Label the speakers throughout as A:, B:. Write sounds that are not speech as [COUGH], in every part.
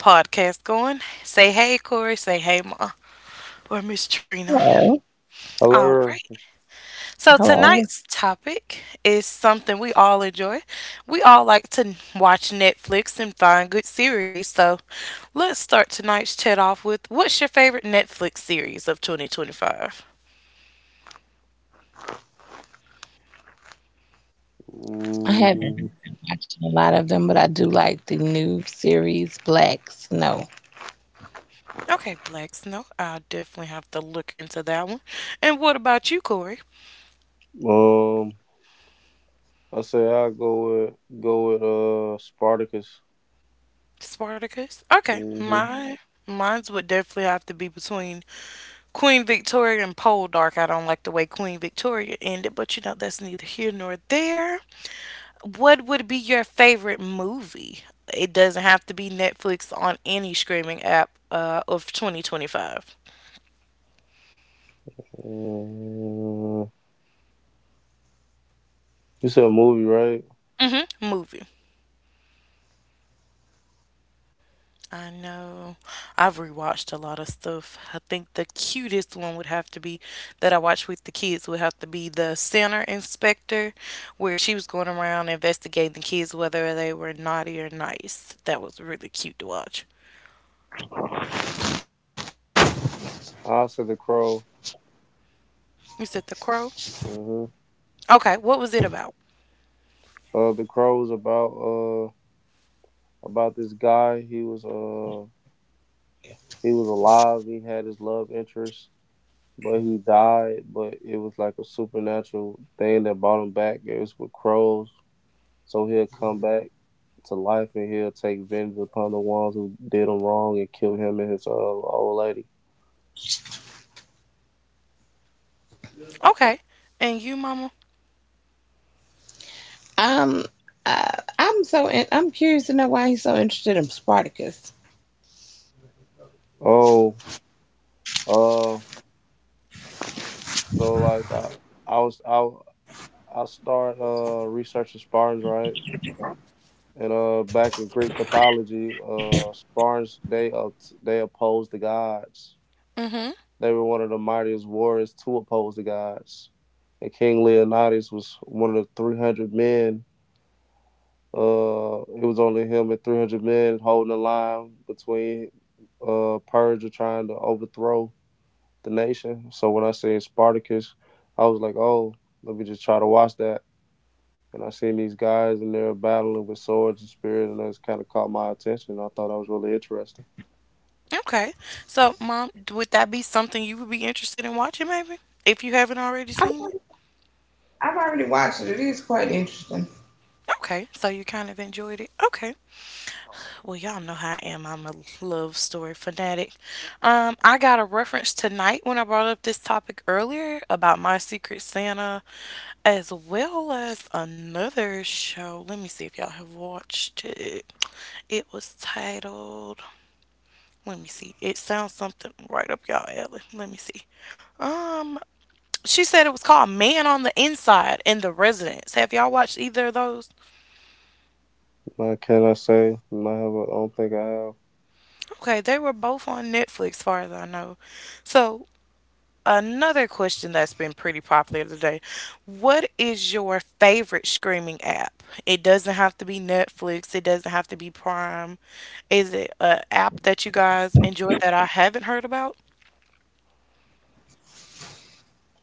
A: podcast going. Say hey, Corey. Say hey, Ma. Or Miss Trina.
B: Hello,
A: All
C: Hello.
A: right. So
B: hello.
A: tonight's topic is something we all enjoy. We all like to watch Netflix and find good series. So let's start tonight's chat off with what's your favorite Netflix series of 2025?
B: I
C: Mm,
B: haven't watched a lot of them, but I do like the new series Black Snow.
A: Okay, Black Snow. I'll definitely have to look into that one. And what about you, Corey?
C: um, I say I go with Spartacus.
A: Spartacus? Okay.
C: hmm
A: Mine's would definitely have to be between Queen Victoria and Poldark. I don't like the way Queen Victoria ended, but you know that's neither here nor there. What would be your favorite movie? It doesn't have to be Netflix on any streaming app of 2025.
C: Uh, you said a movie, right?
A: Mm-hmm. Movie. I know. I've rewatched a lot of stuff. I think the cutest one would have to be that I watched with the kids would have to be the center inspector, where she was going around investigating the kids whether they were naughty or nice. That was really cute to watch.
C: I said The Crow.
A: You said The Crow?
C: hmm
A: Okay, what was it about?
C: The Crow was about this guy. He was alive. He had his love interest, but he died. But it was like a supernatural thing that brought him back. It was with crows, so he'll come back to life, and he'll take vengeance upon the ones who did him wrong and kill him and his old lady.
A: Okay. And you, Mama?
B: Um, uh, I'm curious to know why he's so interested in Spartacus.
C: Oh, uh, so like I was I start researching Spartans, right, and back in Greek mythology, Spartans, they opposed the gods.
A: Mm-hmm.
C: They were one of the mightiest warriors to oppose the gods, and King Leonidas was one of the 300 men. It was only him and 300 men holding the line between Persia trying to overthrow the nation. So when I seen Spartacus, I was like, oh, let me just try to watch that. And I seen these guys and they're battling with swords and spears, and that's kind of caught my attention. I thought that was really interesting.
A: Okay. So, Mom, would that be something you would be interested in watching, maybe? If you haven't already
B: I've
A: seen it?
B: already, I've already watched it. It is quite interesting.
A: Okay. So you kind of enjoyed it? Okay. Well, y'all know how I am. I'm a love story fanatic. I got a reference tonight when I brought up this topic earlier about My Secret Santa, as well as another show. Let me see if y'all have watched it. It was titled, let me see. It sounds something right up y'all alley. Let me see. Um, she said it was called Man on the Inside and The Residence. Have y'all watched either of those?
C: What can I say? I have. I don't think I have.
A: Okay, they were both on Netflix, far as I know. So another question that's been pretty popular today. What is your favorite streaming app? It doesn't have to be Netflix, it doesn't have to be Prime. Is it an app that you guys enjoy that I haven't heard about?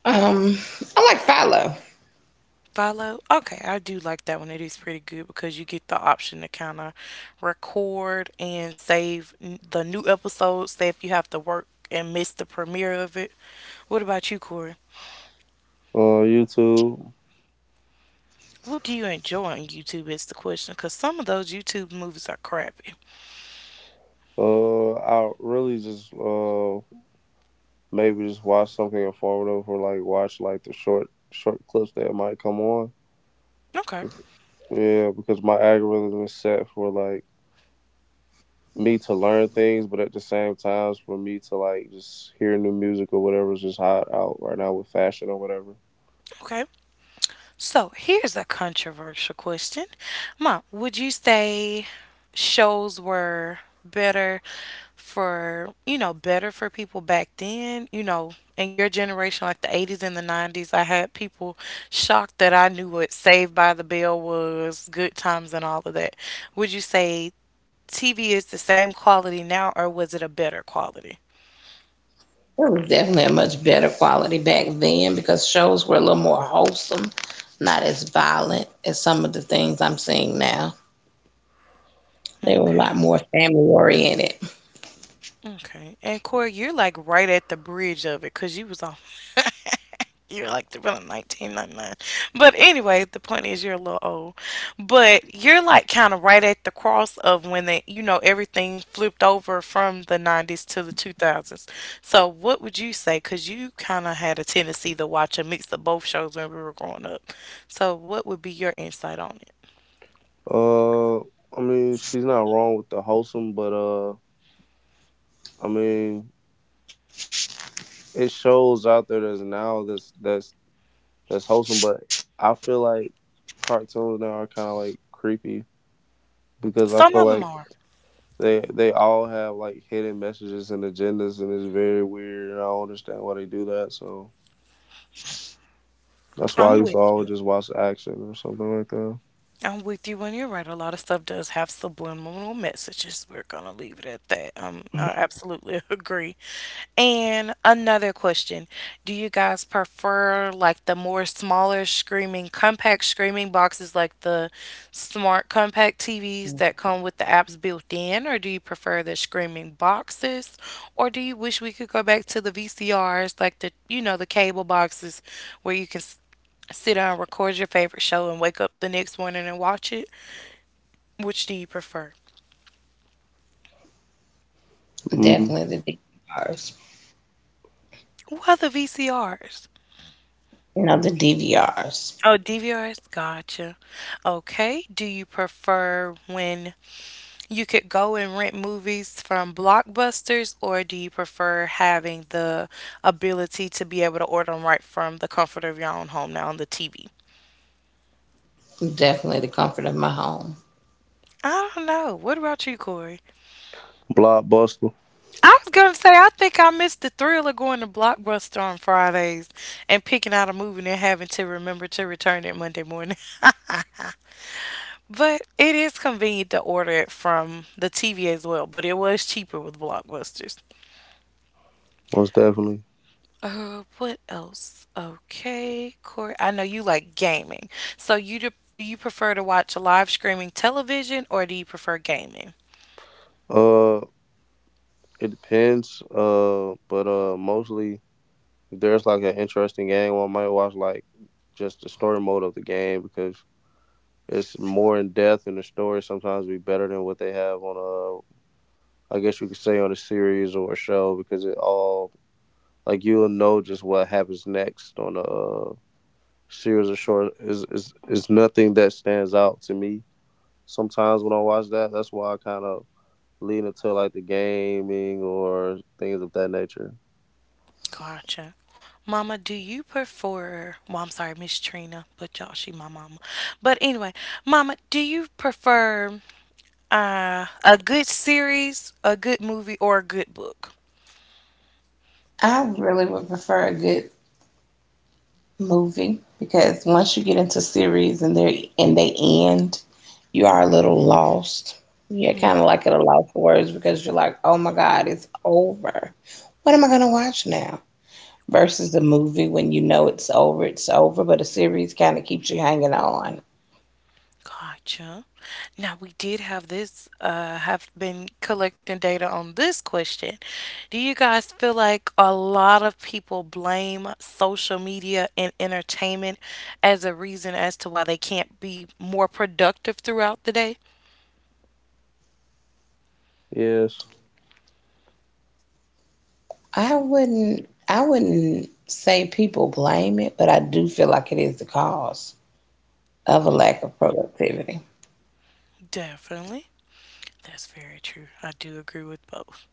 B: Um, I like Philo.
A: Follow? Okay, I do like that one. It is pretty good because you get the option to kind of record and save the new episodes, say if you have to work and miss the premiere of it. What about you, Corey?
C: YouTube.
A: What do you enjoy on YouTube is the question, because some of those YouTube movies are crappy.
C: I really just maybe just watch something informative, or like watch like the short clips that might come on.
A: Okay,
C: Yeah, because my algorithm is set for like me to learn things, but at the same time for me to like just hear new music or whatever's just hot out right now with fashion or whatever.
A: okay. So here's a controversial question. Mom, would you say shows were better for, you know, better for people back then? You know, in your generation, like the 80s and the 90s, I had people shocked that I knew what Saved by the Bell was, Good Times, and all of that. Would you say TV is the same quality now, or was it a better quality?
B: It was definitely a much better quality back then because shows were a little more wholesome, not as violent as some of the things I'm seeing now. They were a lot
A: Okay.
B: more family oriented.
A: Okay. And Corey, you're like right at the bridge of it because you was on. [LAUGHS] You're like the around 1999. But anyway, the point is you're a little old. But you're like kind of right at the cross of when they, you know, everything flipped over from the 90s to the 2000s. So what would you say? Because you kind of had a tendency to watch a mix of both shows when we were growing up. So what would be your insight on it?
C: Uh, I mean, she's not wrong with the wholesome, but I mean, it shows out there that's now that's wholesome, but I feel like cartoons now are kind of like creepy because I
A: Some
C: feel
A: of them
C: like
A: are.
C: they all have like hidden messages and agendas, and it's very weird. And I don't understand why they do that. So that's why I
A: I'm
C: used
A: with
C: to always just watch action or something like that.
A: I'm with you and you're right. A lot of stuff does have subliminal messages. We're gonna leave it at that. I absolutely [LAUGHS] agree. And another question: do you guys prefer like the more smaller screaming compact screaming boxes, like the smart compact TVs that come with the apps built in, or do you prefer the screaming boxes, or do you wish we could go back to the VCRs, like the you know the cable boxes, where you can sit down, record your favorite show, and wake up the next morning and watch it? Which do you prefer?
C: Mm,
B: Definitely the DVRs.
A: What are the VCRs?
B: You know, the DVRs.
A: Oh, DVRs? Gotcha. Okay. Do you prefer when you could go and rent movies from Blockbusters, or do you prefer having the ability to be able to order them right from the comfort of your own home now on the TV?
B: Definitely the comfort of my home.
A: I don't know. What about you, Corey?
C: Blockbuster,
A: I was gonna say, I think I missed the thrill of going to Blockbuster on Fridays and picking out a movie and having to remember to return it Monday morning. [LAUGHS] But it is convenient to order it from the TV as well, but it was cheaper with Blockbusters.
C: most definitely.
A: What else? Okay, Corey, I know you like gaming. So do you prefer to watch live streaming television or do you prefer gaming?
C: Uh, it depends. But Mostly, if there's like an interesting game, I might watch like just the story mode of the game, because it's more in depth, and the story sometimes be better than what they have on a, I guess you could say on a series or a show, because it all, like you'll know just what happens next on a series of short. Is nothing that stands out to me. Sometimes when I watch that, that's why I kind of lean into like the gaming or things of that nature.
A: Gotcha. Mama, do you prefer, well, I'm sorry, Miss Trina, but y'all, she my mama. But anyway, Mama, do you prefer a good series, a good movie, or a good book?
B: I really would prefer a good movie because once you get into series and they end, you are a little lost. You're kind of like at a loss for words because you're like, oh my God, it's over. What am I gonna watch now? Versus the movie when you know it's over, but a series kind of keeps you hanging on.
A: Gotcha. Now, we did have this, have been collecting data on this question. Do you guys feel like a lot of people blame social media and entertainment as a reason as to why they can't be more productive throughout the day?
C: Yes,
B: I wouldn't say people blame it, but I do feel like it is the cause of a lack of productivity.
A: Definitely. That's very true. I do agree with both.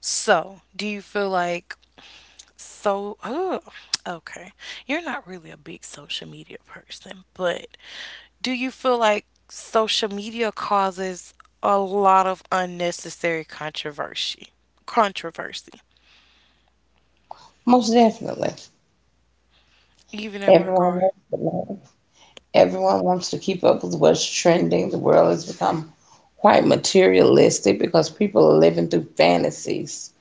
A: So, do you feel like so oh, okay. You're not really a big social media person, but do you feel like social media causes a lot of unnecessary controversy? Controversy,
B: Most definitely.
A: even in
B: Everyone
A: regard.
B: wants to learn. Everyone wants to keep up with what's trending. The world has become quite materialistic because people are living through fantasies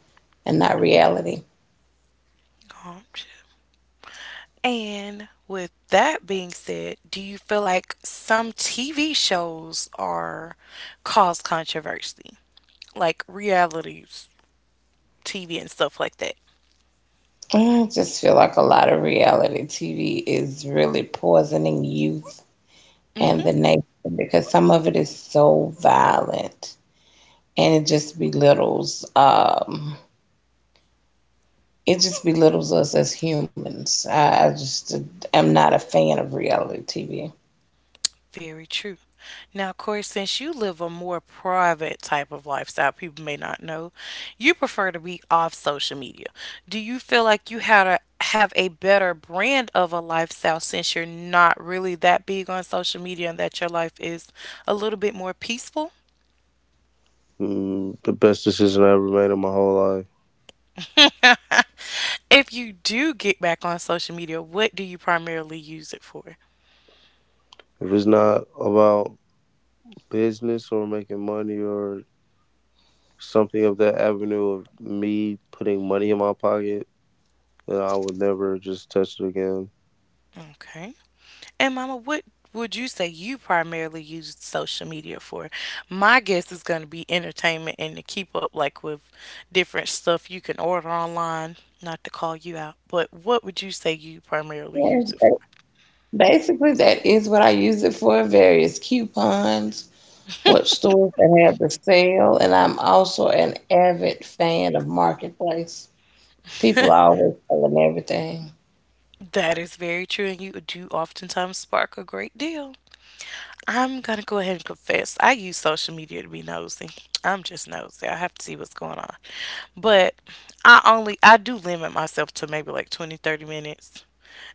B: and not reality.
A: Oh, shit. And with that being said, do you feel like some TV shows are cause controversy? Like reality TV and stuff like that.
B: I just feel like a lot of reality TV is really poisoning youth and
A: Mm-hmm.
B: the nation because some of it is so violent and it just belittles us as humans. I just am not a fan of reality TV.
A: Very true. Now, Corey, since you live a more private type of lifestyle, people may not know, you prefer to be off social media. Do you feel like you had to have a better brand of a lifestyle since you're not really that big on social media and that your life is a little bit more peaceful?
C: the best decision I ever made in my whole life.
A: If you do get back on social media, what do you primarily use it for?
C: If it's not about business or making money or something of that avenue of me putting money in my pocket, then I would never just touch it again.
A: Okay. And Mama, what would you say you primarily use social media for? My guess is going to be entertainment and to keep up like with different stuff you can order online, not to call you out, but what would you say you primarily
B: Yeah,
A: use it
B: but
A: for?
B: basically, that is what I use it for, various coupons, what stores that have the sale, and I'm also an avid fan of Marketplace. People are always selling everything.
A: That is very true and you do oftentimes spark a great deal. I'm gonna go ahead and confess. I use social media to be nosy. I'm just nosy. I have to see what's going on. But I do limit myself to maybe like 20, 30 minutes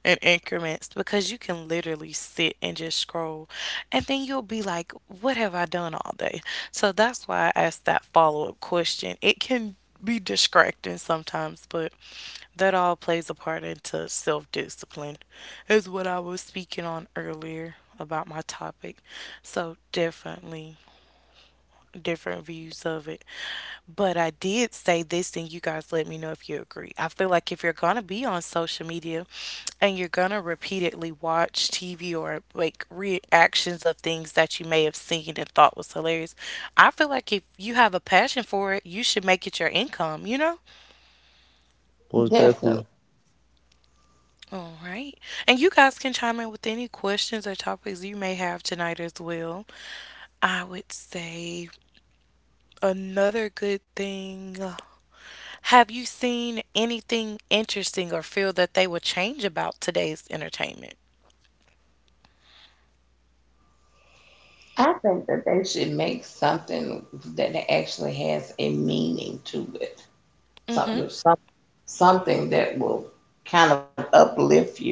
A: in increments because you can literally sit and just scroll and then you'll be like, what have I done all day? So that's why I asked that follow up question. It can be distracting sometimes, but that all plays a part into self discipline, is what I was speaking on earlier about my topic. So, definitely different views of it. But I did say this, and you guys let me know if you agree. I feel like if you're going to be on social media and you're going to repeatedly watch TV or like reactions of things that you may have seen and thought was hilarious, I feel like if you have a passion for it, you should make it your income, you know?
C: Most definitely.
B: Definitely.
A: All right. And you guys can chime in with any questions or topics you may have tonight as well. I would say another good thing. Have you seen anything interesting or feel that they would change about today's entertainment?
B: I think that they should make something that actually has a meaning to it.
A: Mm-hmm.
B: Something, some, something that will kind of uplift you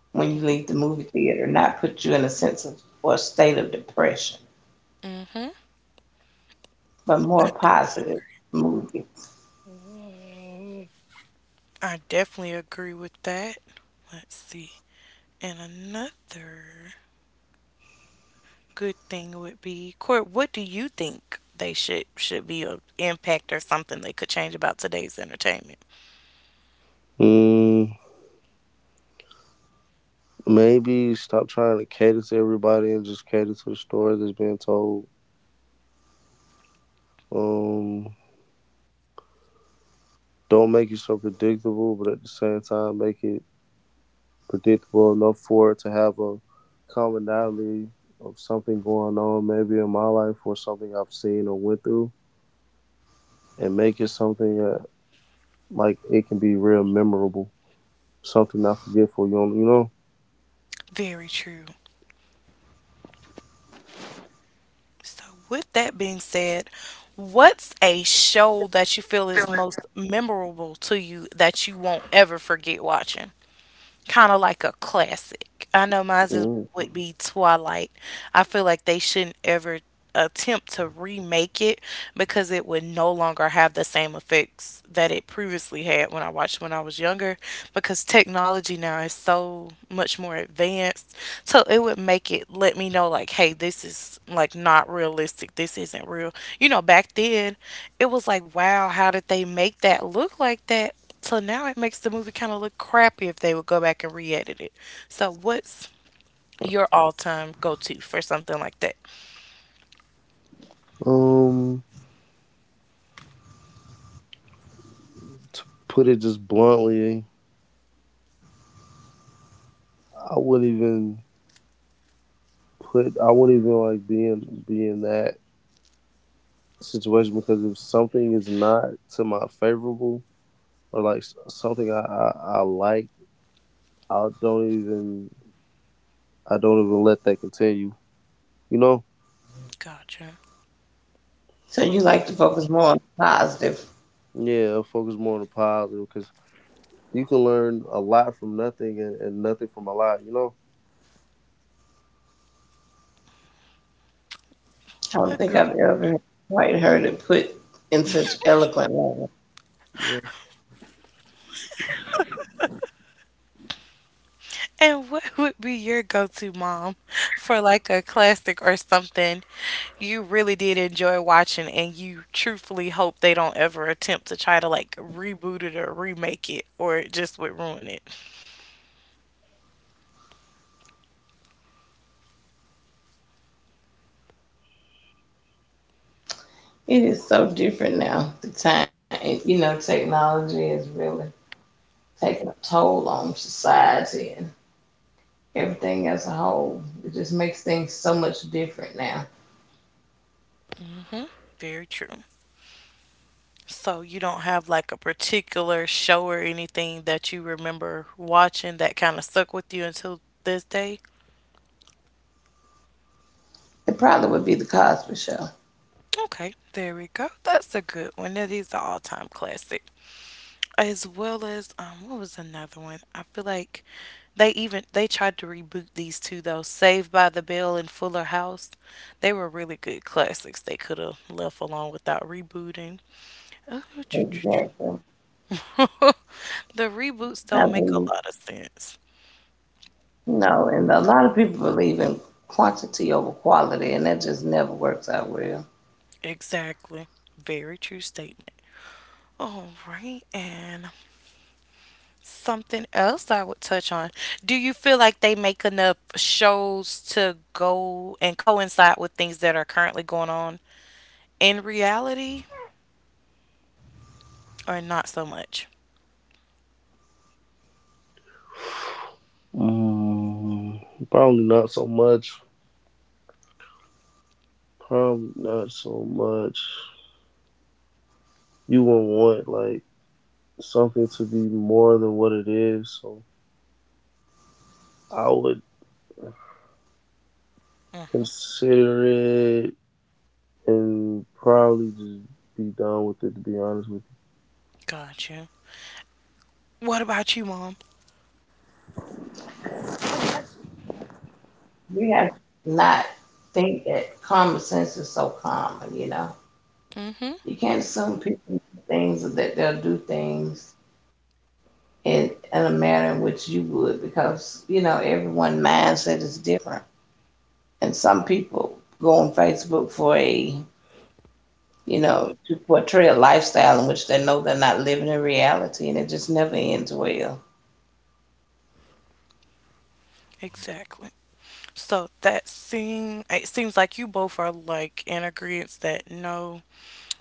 B: when you leave the movie theater, not put you in a sense of or state of depression, but more
A: I,
B: positive movie.
A: I definitely agree with that. Let's see. And another good thing would be, Court, what do you think they should be an impact or something they could change about today's entertainment?
C: Mm, Maybe stop trying to cater to everybody and just cater to the story that's being told. Um, don't make it so predictable, but at the same time, make it predictable enough for it to have a commonality of something going on, maybe in my life or something I've seen or went through, and make it something that like it can be real memorable, something not forgetful.
A: Very true. So, with that being said, what's a show that you feel is most memorable to you that you won't ever forget watching? Kind of like a classic. I know mine
C: You know.
A: is,
C: Mm.
A: would be Twilight. I feel like they shouldn't ever attempt to remake it because it would no longer have the same effects that it previously had when I watched when I was younger because technology now is so much more advanced. So it would make it let me know like hey this is like not realistic. This isn't real. You know back then it was like wow how did they make that look like that? So now it makes the movie kind of look crappy if they would go back and re-edit it. So what's your all-time go-to for something like that?
C: Um, to put it just bluntly, I wouldn't even I wouldn't even like be in that situation, because if something is not to my favorable, or something I like, I don't even I don't even let that continue. You know?
A: Gotcha.
B: So you
A: What?
B: like to focus more on positive.
C: Yeah, I focus more on the positive because you can learn a lot from nothing, and and nothing from a lot. You know?
B: I don't think
A: Agree.
B: I've ever quite heard it put in such eloquent language.
C: Yeah.
A: And what would be your go-to mom for like a classic or something you really did enjoy watching and you truthfully hope they don't ever attempt to try to like reboot it or remake it or it just would ruin it?
B: It is so different now. The time, you know, technology is really taking a toll on society and everything as a whole. It just makes things so much different now.
A: Very true. So you don't have like a particular show or anything that you remember watching that kind of stuck with you until this day?
B: It probably would be the Cosby Show.
A: Okay, there we go. That's a good one. Now, these are all time classic. As well as what was another one? I feel like they even they tried to reboot these two though. Saved by the Bell and Fuller House. They were really good classics. They could have left alone without rebooting. [LAUGHS]
B: Exactly.
A: The reboots
B: I
A: don't make a
B: believe
A: lot of sense.
B: no, and a lot of people believe in quantity over quality, and that just never works out well.
A: Exactly. Very true statement. All right. And something else I would touch on. Do you feel like they make enough shows to go and coincide with things that are currently going on in reality or not so much?
C: Mm, Probably not so much. Probably not so much. You would want like something to be more than what it is. So I would
A: Mm-hmm.
C: consider it and probably just be done with it. To be honest with
A: Gotcha. What about you, Mom?
B: And we have to not think that common sense is so common, you know.
A: Mm-hmm.
B: You can't assume people know things or that they'll do things in a manner in which you would because, you know, everyone's mindset is different. And some people go on Facebook for you know, to portray a lifestyle in which they know they're not living in reality, and it just never ends well.
A: Exactly. So that seem it seems like you both are like in agreement that no,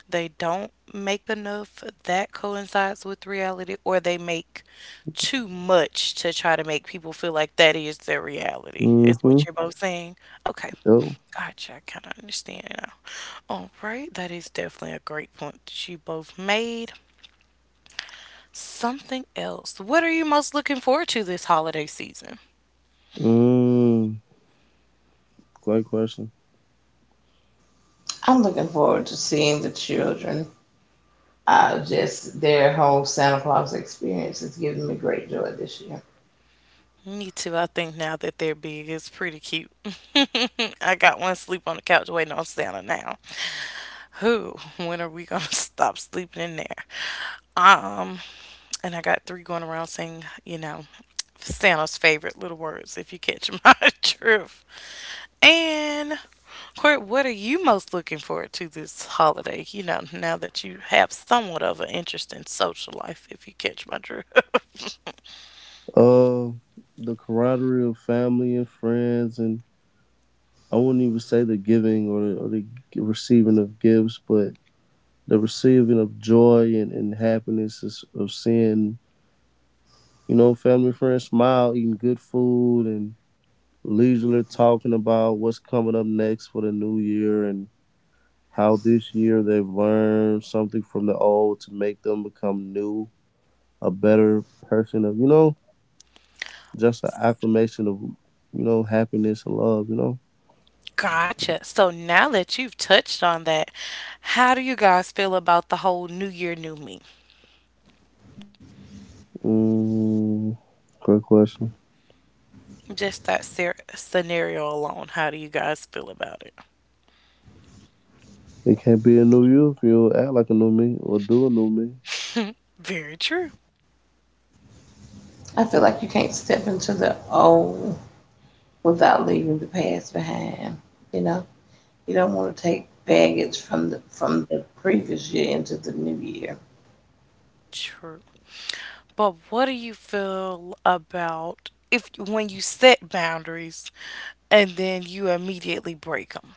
A: they don't make enough that coincides with reality, or they make too much to try to make people feel like that is their
C: you.
A: reality, is
C: Mm-hmm.
A: what you're both saying. Okay.
C: Oh.
A: Gotcha, I kind of understand now. All right, that is definitely a great point that you both made. Something else, what are you most looking forward to this holiday season?
C: Mm. Great question.
B: I'm looking forward to seeing the children. Just their whole Santa Claus experience is giving me great joy this year.
A: Me too. I think now that they're big, it's pretty cute. [LAUGHS] I got one sleep on the couch waiting on Santa now. Who? [LAUGHS] When are we gonna [LAUGHS] stop sleeping in there? Um, and I got three going around saying, Santa's favorite little words, if you catch [LAUGHS] my drift. And Court, what are you most looking forward to this holiday? You know, now that you have somewhat of an interest in social life, if you catch my drift.
C: Uh, the camaraderie of family and friends, and I wouldn't even say the giving or the receiving of gifts, but the receiving of joy and happiness, is, of seeing, you know, family and friends smile, eating good food, and leisurely talking about what's coming up next for the new year, and how this year they've learned something from the old to make them become new, a better person of, you know, just an acclamation of, you know, happiness and love.
A: [LAUGHS] Gotcha. So now that you've touched on that, how do you guys feel about the whole New Year, New Me?
C: Mm, Great question.
A: Just that scenario alone, how do you guys feel about it?
C: It can't be a new you if you act like a new me or do a new me.
A: Very true.
B: I feel like you can't step into the old without leaving the past behind. You know, you don't want to take baggage from the previous year into the new year.
A: True. But what do you feel about if when you set boundaries and then you immediately break them?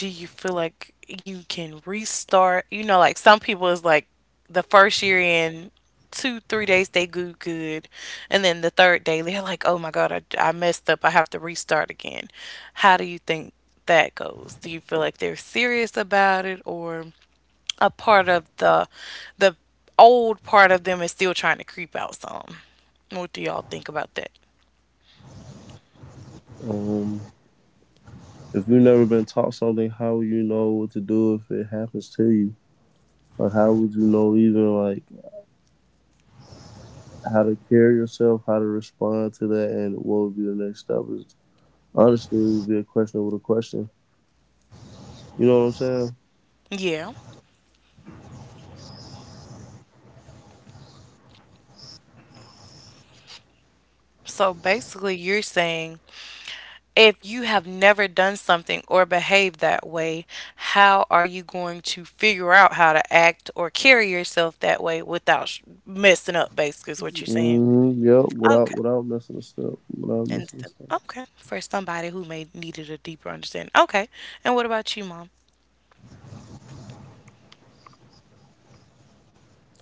A: Do you feel like you can restart? You know, like some people is like the first year in two, 3 days they do good, and then the third day they're like, oh my god, I messed up, I have to restart again. How do you think that goes? Do you feel like they're serious about it, or a part of the old part of them is still trying to creep out some? What do y'all think about that?
C: Um, if you've never been taught something, how would you know what to do if it happens to you? Or how would you know even like how to carry yourself, how to respond to that, and what would be the next step? Is Honestly, it would be a question over a question. You know what I'm saying?
A: Yeah. So basically, you're saying if you have never done something or behaved that way, how are you going to figure out how to act or carry yourself that way without messing up, basically, is what you're saying?
C: Yep. Without
A: Okay.
C: without missing a step. Without missing a step. [LAUGHS]
A: Okay. For somebody who may needed a deeper understanding. Okay. And what about you, Mom?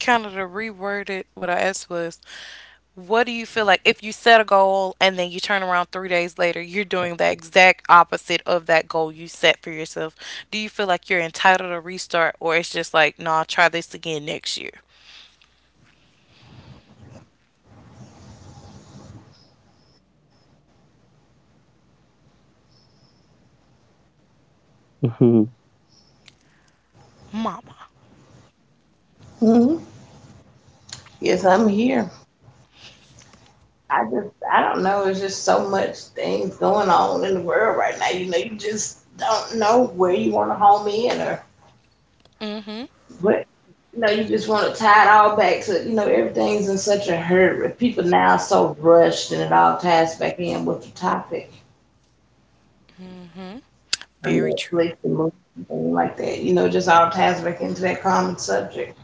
A: Kind of the reworded what I asked was, what do you feel like if you set a goal and then you turn around 3 days later, you're doing the exact opposite of that goal you set for yourself? Do you feel like you're entitled to restart, or it's just like, no, I'll try this again next year?
C: um.
A: Mama.
B: Hmm. Yes, I'm here. I don't know. It's just so much things going on in the world right now. You know, you just don't know where you want to home in or.
A: Mm-hmm.
B: But you know, you just want to tie it all back to, you know, everything's in such a hurry. People now so rushed, and it all ties back in with the topic, or
A: Very true.
B: Netflix, the movie, thing like that. You know, it just all ties back into that common subject.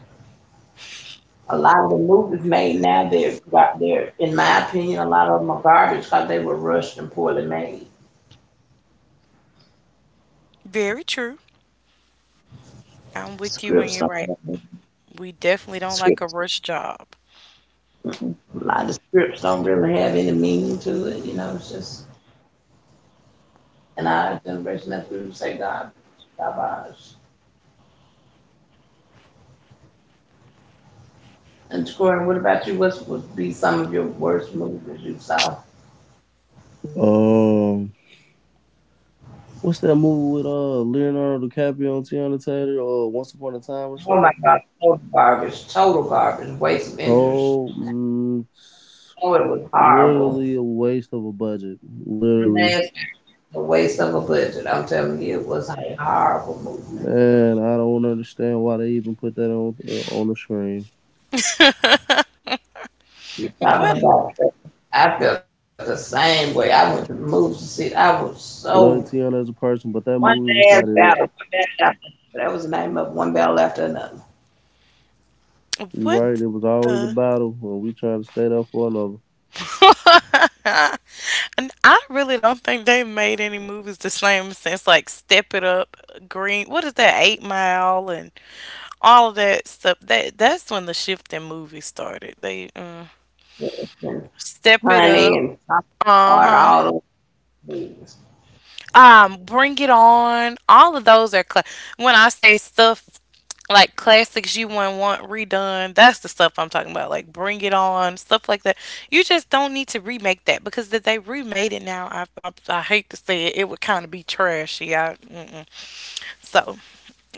B: A lot of the movies made now, they're in my opinion, a lot of them are garbage because they were rushed and poorly made.
A: Very true. I'm with you when
B: Scripts
A: you're
B: don't
A: right.
B: have-
A: We definitely don't like a
B: Scripts.
A: rush job.
B: A lot of scripts don't really have any meaning to it. You know, it's just in our generation that's we would say garbage, garbage. And Troy, what about you? What would be some of your worst movies you saw?
C: What's that movie with Leonardo DiCaprio and Tiana Taylor? Or Once Upon a Time or
B: Oh
C: something?
B: my God, total garbage, waste of interest.
C: Oh, mm,
B: Oh, it was horrible.
C: Literally a waste of a budget. Literally,
B: Nasty, a waste of a budget. I'm telling you, it was a horrible movie.
C: man. I don't understand why they even put that on the screen.
B: You talking
A: What?
B: about, I felt the same way. I went to the movies to see. I was so
C: Love Tiana as a person, but that
B: one
C: movie was not
B: man's
C: it.
B: one man after another. That was the name of One Battle After Another.
C: You right?
A: What
C: It was always a
A: the?
C: battle when we tried to stay up for another.
A: And I really don't think they made any movies the same since like Step It Up, Green. What is that? Eight Mile and all of that stuff. That that's when the shift in movies started. They
B: And
A: step it
B: Honey
A: up.
B: and Top
A: Uh
B: Guard,
A: huh.
B: all those movies.
A: Bring It On. All of those are cla when I say stuff like classics you wouldn't want redone. That's the stuff I'm talking about. Like Bring It On, stuff like that. You just don't need to remake that because if they remade it now, I hate to say it, it would kind of be trashy. I, mm-mm. So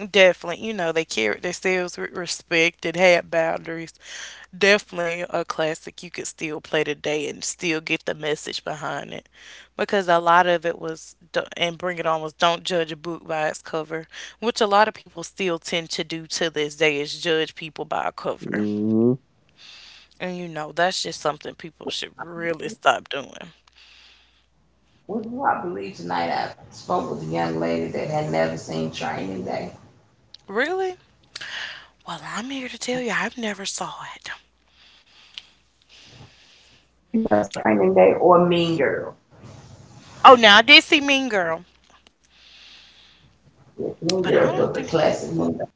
A: definitely, you know, they carried themselves with respect and had boundaries. Definitely a classic you could still play today and still get the message behind it. Because a lot of it was, and Bring It On was don't judge a book by its cover, which a lot of people still tend to do to this day, is judge people by a cover.
C: hmm
A: And you know, that's just something people should really stop doing.
B: Which I believe tonight I spoke with a young lady that had never seen Training Day.
A: Really? Well, I'm here to tell you, I've never saw it.
B: She never saw Training Day or Mean Girls.
A: Oh, now I did see Mean Girl,
B: Yes,
A: but
B: Mean
A: I don't
B: Girls
A: think.
B: was a classic movie.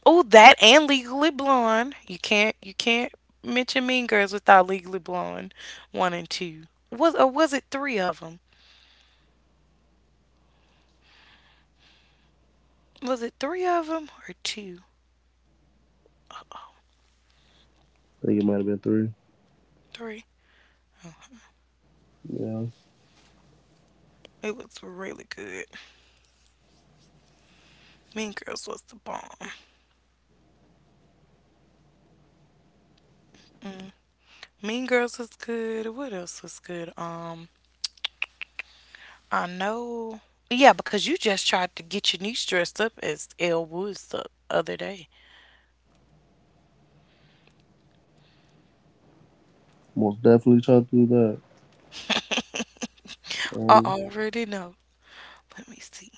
A: Oh, that and Legally Blonde. You can't mention Mean Girls without
B: I
A: Legally
B: think Mean
A: Blonde
B: Girls is
A: one and
B: classic.
A: two. Was, or was it three of them?
B: What about you all?
A: Was it three of them or two?
B: Hello?
C: I think it might have been three.
A: Three.
C: Yeah,
A: It was really good. Mean Girls was the bomb. Mean Girls was good. What else was good? I know. Yeah, because you just tried to get your niece dressed up as Elle Woods the other day.
C: most definitely tried to do that.
A: I
C: Um,
A: already know. Let me see.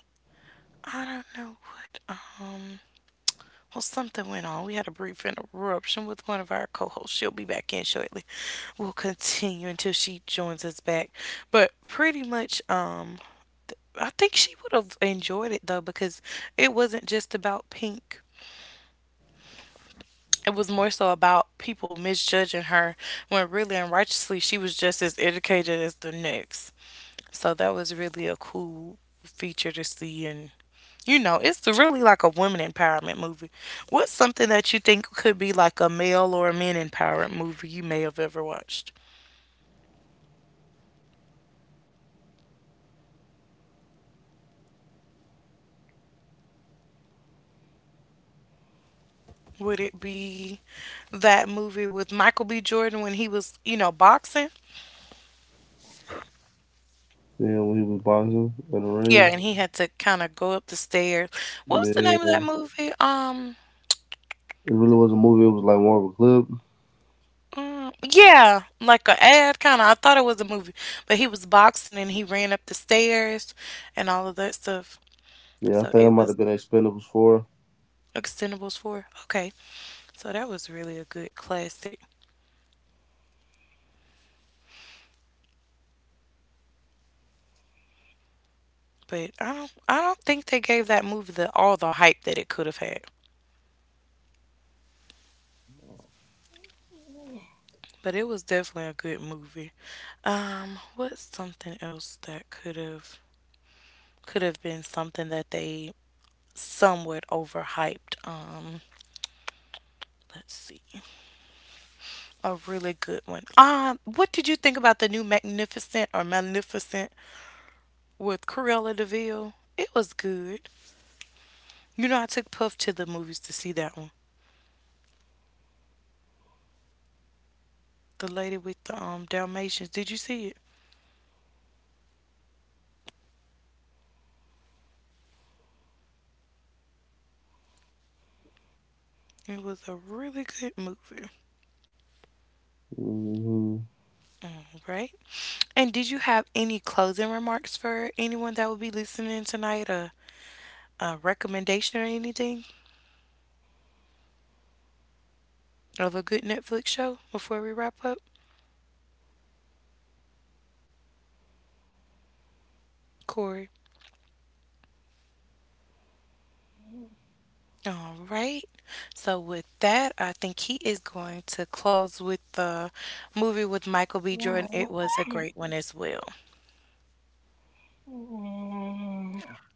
A: I don't know what. Well, something went on. We had a brief interruption with one of our co hosts. She'll be back in shortly. We'll continue until she joins us back. But pretty much, I think she would have enjoyed it though because it wasn't just about Pink. It was more so about people misjudging her when really and righteously she was just as educated as the next. So that was really a cool feature to see, and you know, it's really like a women empowerment movie. What's something that you think could be like a male or a men empowerment movie you may have ever watched?
B: Hello? Hello?
A: Would it be that movie with Michael B. Jordan when he was, you know, boxing?
C: yeah, when he was boxing in the
A: Yeah,
C: ring,
A: and he had to kind of go up the stairs. What was the
C: man,
A: name of
C: it
A: that movie?
C: really was a movie. It was like more of a clip.
A: Mm, yeah, like a ad kind of. I thought it was a movie, but he was boxing and he ran up the stairs and all of that stuff.
C: Yeah, I
A: So
C: think that
A: it
C: might have
A: was
C: been Expendables 4.
A: Extendables 4. Okay. So that was really a good classic. But I don't think they gave that movie the all the hype that it could have had. But it was definitely a good movie. What's something else that could have been something that they somewhat overhyped? Let's see. A really good one. What did you think about the new Magnificent or Magnificent with Cruella DeVille? It was good. You know, I took Puff to the movies to see that one. The lady with the Dalmatians. Did you see it? It was a really good movie. All right. And did you have any closing remarks for anyone that will be listening tonight? A recommendation or anything of a good Netflix show before we wrap up? Corey. All right. So, with that, I think he is going to close with the movie with Michael B. Jordan. It was a great one as well.
C: Mm-hmm.